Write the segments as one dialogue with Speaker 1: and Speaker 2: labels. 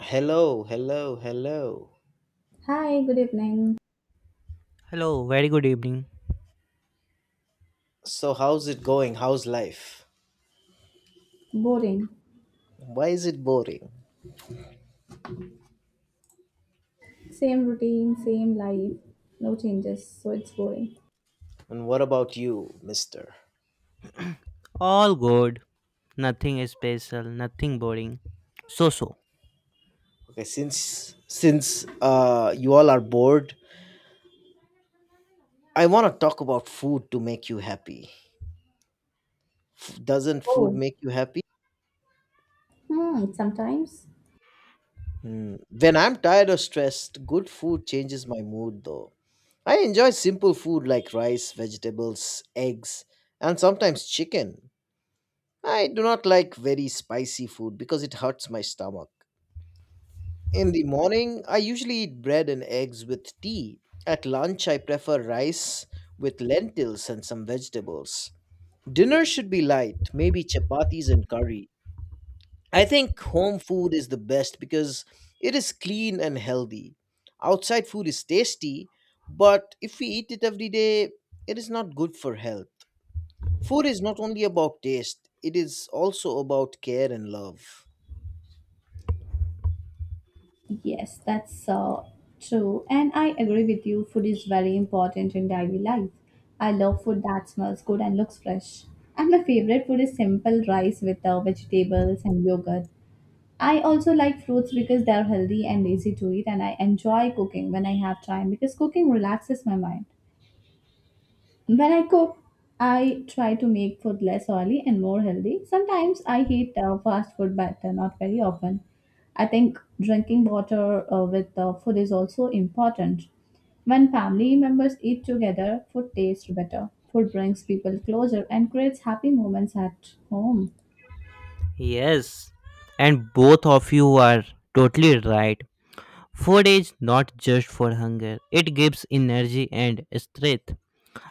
Speaker 1: Hello, hello, hello.
Speaker 2: Hi, good evening.
Speaker 3: Hello, very good evening.
Speaker 1: So, how's it going? How's life?
Speaker 2: Boring.
Speaker 1: Why is it boring?
Speaker 2: Same routine, same life. No changes, so it's boring.
Speaker 1: And what about you, mister?
Speaker 3: All good. Nothing special, nothing boring. So so.
Speaker 1: Okay, since you all are bored, I want to talk about food to make you happy. Doesn't food
Speaker 2: Oh.
Speaker 1: make you happy?
Speaker 2: Hmm, sometimes.
Speaker 1: Hmm. When I'm tired or stressed, good food changes my mood though. I enjoy simple food like rice, vegetables, eggs, and sometimes chicken. I do not like very spicy food because it hurts my stomach. In the morning, I usually eat bread and eggs with tea. At lunch, I prefer rice with lentils and some vegetables. Dinner should be light, maybe chapatis and curry. I think home food is the best because it is clean and healthy. Outside food is tasty, but if we eat it every day, it is not good for health. Food is not only about taste, it is also about care and love.
Speaker 2: Yes, that's true. And I agree with you. Food is very important in daily life. I love food that smells good and looks fresh. And my favorite food is simple rice with vegetables and yogurt. I also like fruits because they're healthy and easy to eat, and I enjoy cooking when I have time because cooking relaxes my mind. When I cook, I try to make food less oily and more healthy. Sometimes I eat fast food, but not very often. I think drinking water with food is also important. When family members eat together, food tastes better. Food brings people closer and creates happy moments at home.
Speaker 3: Yes. And both of you are totally right. Food is not just for hunger, it gives energy and strength.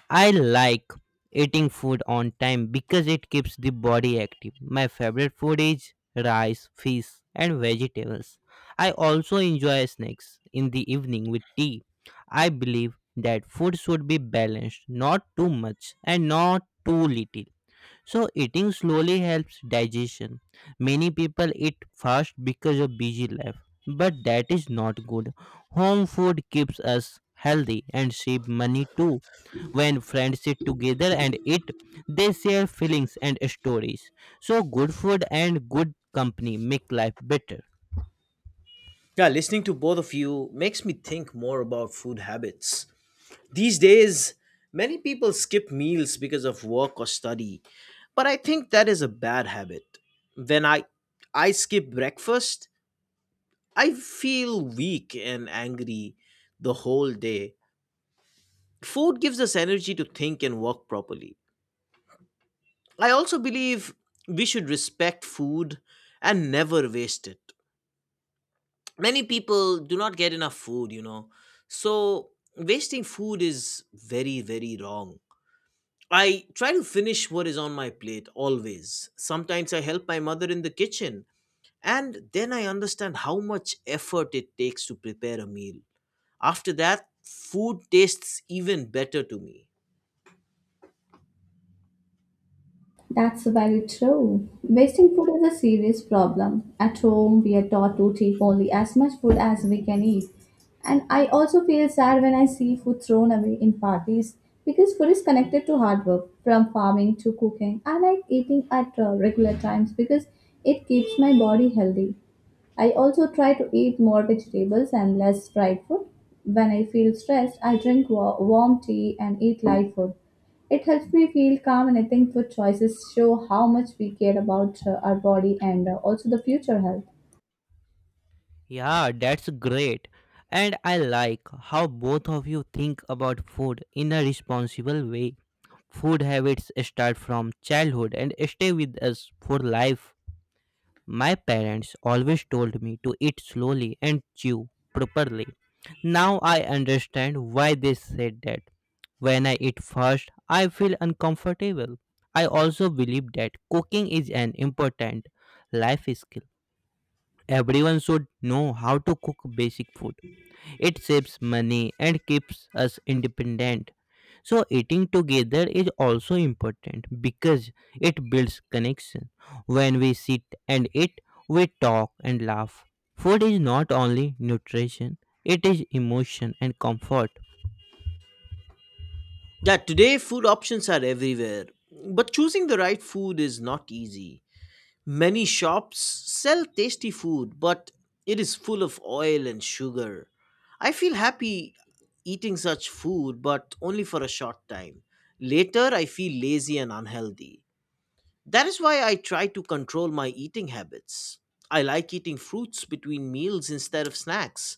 Speaker 3: I like eating food on time because it keeps the body active. My favorite food is rice, fish, and vegetables. I also enjoy snacks in the evening with tea. I believe that food should be balanced, not too much and not too little. So eating slowly helps digestion. Many people eat fast because of busy life, but that is not good. Home food keeps us healthy and save money too. When friends sit together and eat, they share feelings and stories. So good food and good company make life better.
Speaker 1: Yeah, listening to both of you makes me think more about food habits. These days, many people skip meals because of work or study, but I think that is a bad habit. When I skip breakfast, I feel weak and angry the whole day. Food gives us energy to think and work properly. I also believe we should respect food and never waste it. Many people do not get enough food. So wasting food is very very wrong. I try to finish what is on my plate always. Sometimes I help my mother in the kitchen, and then I understand how much effort it takes to prepare a meal. After that, food tastes even better to me.
Speaker 2: That's very true. Wasting food is a serious problem. At home, we are taught to take only as much food as we can eat. And I also feel sad when I see food thrown away in parties because food is connected to hard work, from farming to cooking. I like eating at regular times because it keeps my body healthy. I also try to eat more vegetables and less fried food. When I feel stressed, I drink warm tea and eat light food. It helps me feel calm, and I think food choices show how much we care about our body and also the future health.
Speaker 3: Yeah, that's great. And I like how both of you think about food in a responsible way. Food habits start from childhood and stay with us for life. My parents always told me to eat slowly and chew properly. Now I understand why they said that. When I eat fast, I feel uncomfortable. I also believe that cooking is an important life skill. Everyone should know how to cook basic food. It saves money and keeps us independent. So eating together is also important because it builds connection. When we sit and eat, we talk and laugh. Food is not only nutrition, it is emotion and comfort.
Speaker 1: Yeah, today food options are everywhere, but choosing the right food is not easy. Many shops sell tasty food, but it is full of oil and sugar. I feel happy eating such food, but only for a short time. Later, I feel lazy and unhealthy. That is why I try to control my eating habits. I like eating fruits between meals instead of snacks.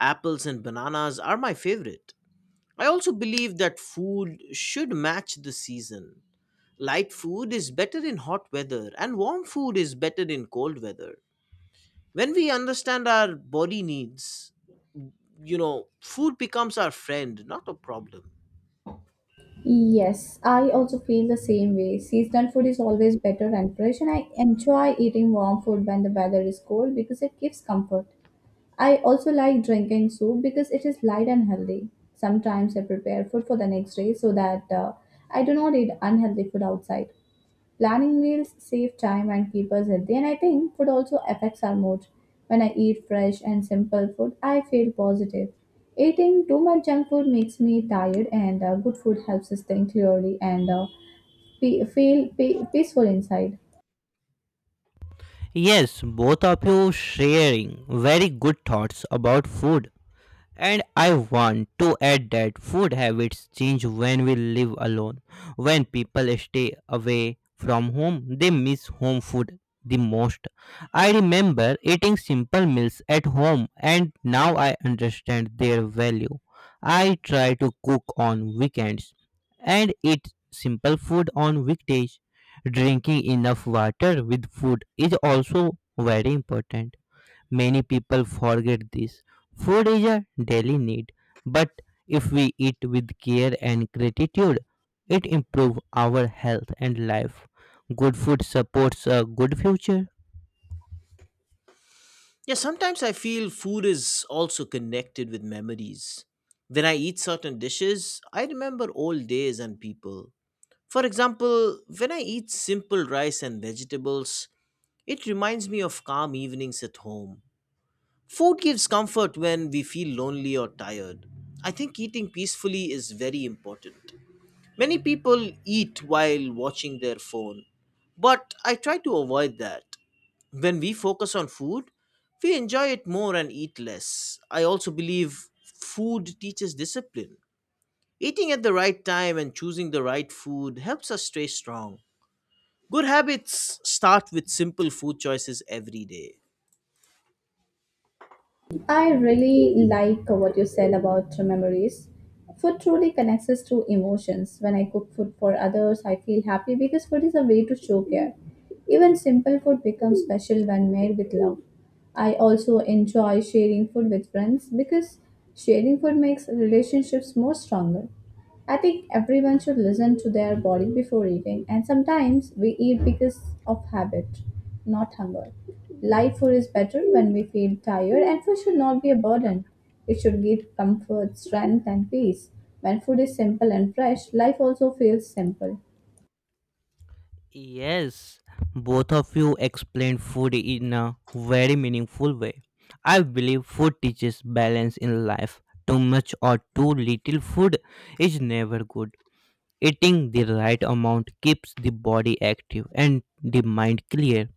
Speaker 1: Apples and bananas are my favorite. I also believe that food should match the season. Light food is better in hot weather, and warm food is better in cold weather. When we understand our body needs, food becomes our friend, not a problem.
Speaker 2: Yes, I also feel the same way. Seasonal food is always better and fresh, and I enjoy eating warm food when the weather is cold because it gives comfort. I also like drinking soup because it is light and healthy. Sometimes I prepare food for the next day so that I do not eat unhealthy food outside. Planning meals save time and keep us healthy, and I think food also affects our mood. When I eat fresh and simple food, I feel positive. Eating too much junk food makes me tired, and good food helps us think clearly and feel peaceful inside.
Speaker 3: Yes, both of you sharing very good thoughts about food. And I want to add that food habits change when we live alone. When people stay away from home, they miss home food the most. I remember eating simple meals at home and now I understand their value. I try to cook on weekends and eat simple food on weekdays. Drinking enough water with food is also very important. Many people forget this. Food is a daily need, but if we eat with care and gratitude, it improves our health and life. Good food supports a good future.
Speaker 1: Yeah, sometimes I feel food is also connected with memories. When I eat certain dishes, I remember old days and people. For example, when I eat simple rice and vegetables, it reminds me of calm evenings at home. Food gives comfort when we feel lonely or tired. I think eating peacefully is very important. Many people eat while watching their phone, but I try to avoid that. When we focus on food, we enjoy it more and eat less. I also believe food teaches discipline. Eating at the right time and choosing the right food helps us stay strong. Good habits start with simple food choices every day.
Speaker 2: I really like what you said about memories. Food truly connects us to emotions. When I cook food for others, I feel happy because food is a way to show care. Even simple food becomes special when made with love. I also enjoy sharing food with friends because sharing food makes relationships more stronger. I think everyone should listen to their body before eating, and sometimes we eat because of habit, not hunger. Light food is better when we feel tired, and food should not be a burden. It should give comfort, strength, and peace. When food is simple and fresh, life also feels simple.
Speaker 3: Yes, both of you explained food in a very meaningful way. I believe food teaches balance in life. Too much or too little food is never good. Eating the right amount keeps the body active and the mind clear.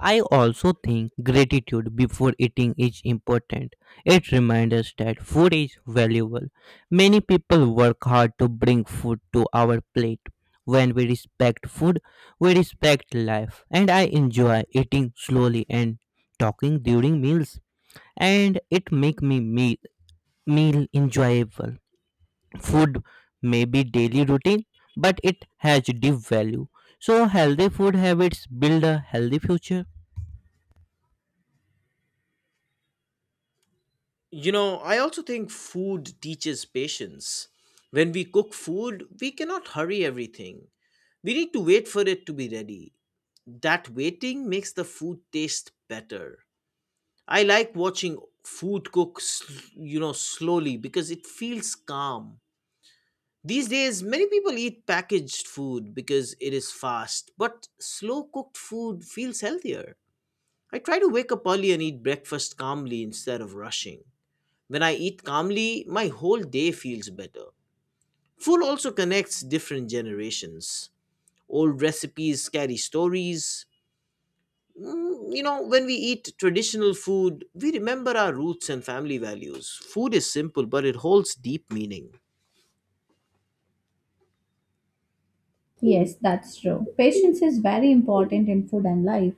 Speaker 3: I also think gratitude before eating is important. It reminds us that food is valuable. Many people work hard to bring food to our plate. When we respect food, we respect life. And I enjoy eating slowly and talking during meals. And it make me meal enjoyable. Food may be daily routine, but it has deep value. So healthy food habits build a healthy future.
Speaker 1: I also think food teaches patience. When we cook food, we cannot hurry everything. We need to wait for it to be ready. That waiting makes the food taste better. I like watching food cook, slowly because it feels calm. These days, many people eat packaged food because it is fast, but slow cooked food feels healthier. I try to wake up early and eat breakfast calmly instead of rushing. When I eat calmly, my whole day feels better. Food also connects different generations. Old recipes carry stories. When we eat traditional food, we remember our roots and family values. Food is simple, but it holds deep meaning.
Speaker 2: Yes, that's true. Patience is very important in food and life.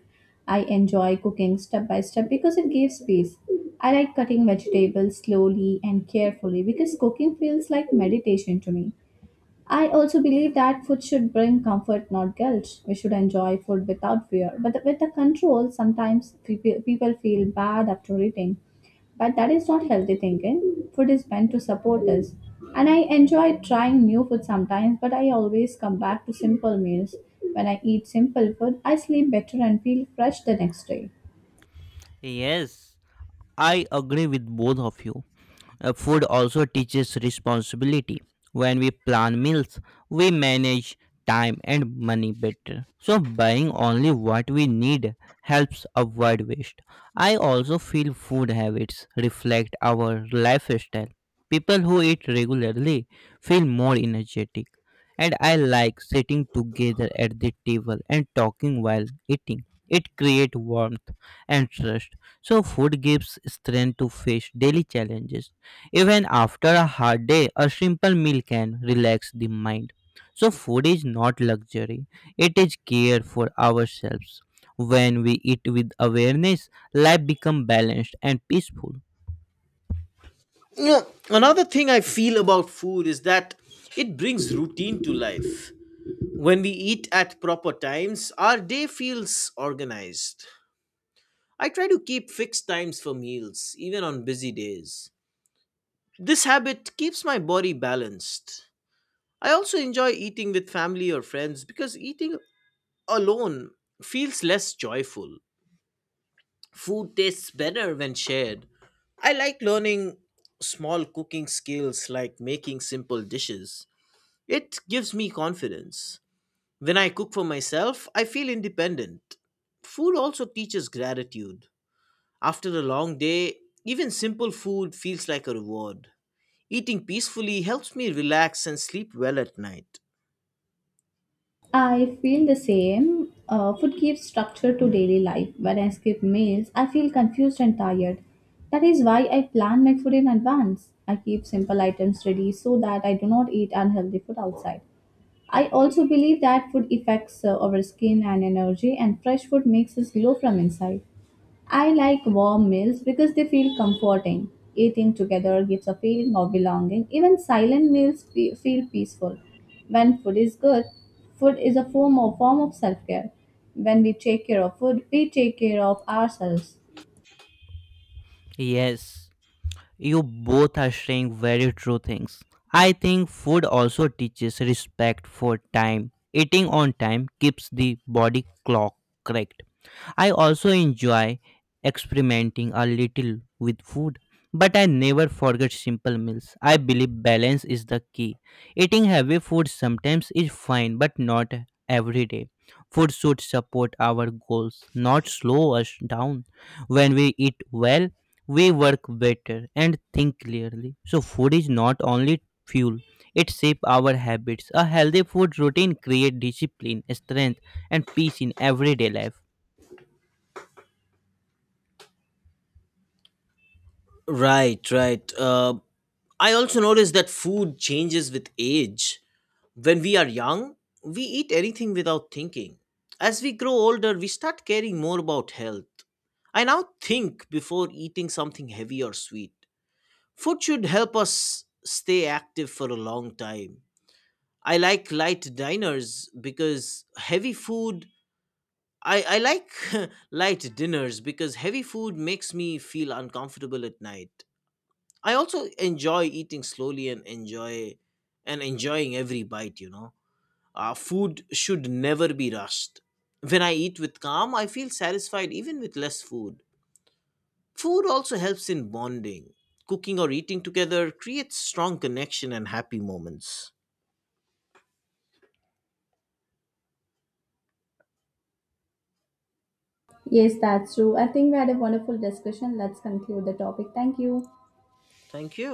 Speaker 2: I enjoy cooking step by step because it gives peace. I like cutting vegetables slowly and carefully because cooking feels like meditation to me. I also believe that food should bring comfort, not guilt. We should enjoy food without fear. But with the control, sometimes people feel bad after eating. But that is not healthy thinking. Food is meant to support us. And I enjoy trying new food sometimes, but I always come back to simple meals. When I eat simple food, I sleep better and feel fresh the next day.
Speaker 3: Yes, I agree with both of you. Food also teaches responsibility. When we plan meals, we manage time and money better. So, buying only what we need helps avoid waste. I also feel food habits reflect our lifestyle. People who eat regularly feel more energetic. And I like sitting together at the table and talking while eating. It creates warmth and trust. So, food gives strength to face daily challenges. Even after a hard day, a simple meal can relax the mind. So, food is not luxury, it is care for ourselves. When we eat with awareness, life becomes balanced and peaceful.
Speaker 1: Yeah, another thing I feel about food is that it brings routine to life. When we eat at proper times, our day feels organized. I try to keep fixed times for meals, even on busy days. This habit keeps my body balanced. I also enjoy eating with family or friends because eating alone feels less joyful. Food tastes better when shared. I like learning small cooking skills like making simple dishes. It gives me confidence. When I cook for myself, I feel independent. Food also teaches gratitude. After a long day, even simple food feels like a reward. Eating peacefully helps me relax and sleep well at night.
Speaker 2: I feel the same. Food gives structure to daily life. When I skip meals, I feel confused and tired. That is why I plan my food in advance. I keep simple items ready so that I do not eat unhealthy food outside. I also believe that food affects our skin and energy, and fresh food makes us glow from inside. I like warm meals because they feel comforting. Eating together gives a feeling of belonging. Even silent meals feel peaceful. When food is good, food is a form of self-care. When we take care of food, we take care of ourselves.
Speaker 3: Yes, you both are saying very true things. I think food also teaches respect for time. Eating on time keeps the body clock correct. I also enjoy experimenting a little with food, but I never forget simple meals. I believe balance is the key. Eating heavy food sometimes is fine, but not every day. Food should support our goals, not slow us down. When we eat well, we work better and think clearly. So, food is not only fuel, it shapes our habits. A healthy food routine creates discipline, strength, and peace in everyday life.
Speaker 1: Right, right. I also noticed that food changes with age. When we are young, we eat anything without thinking. As we grow older, we start caring more about health. I now think before eating something heavy or sweet. Food should help us stay active for a long time. I like light diners because heavy food I like light dinners because heavy food makes me feel uncomfortable at night. I also enjoy eating slowly and enjoying every bite. Food should never be rushed. When I eat with calm, I feel satisfied even with less food. Food also helps in bonding. Cooking or eating together creates strong connection and happy moments.
Speaker 2: Yes, that's true. I think we had a wonderful discussion. Let's conclude the topic. Thank you.
Speaker 1: Thank you.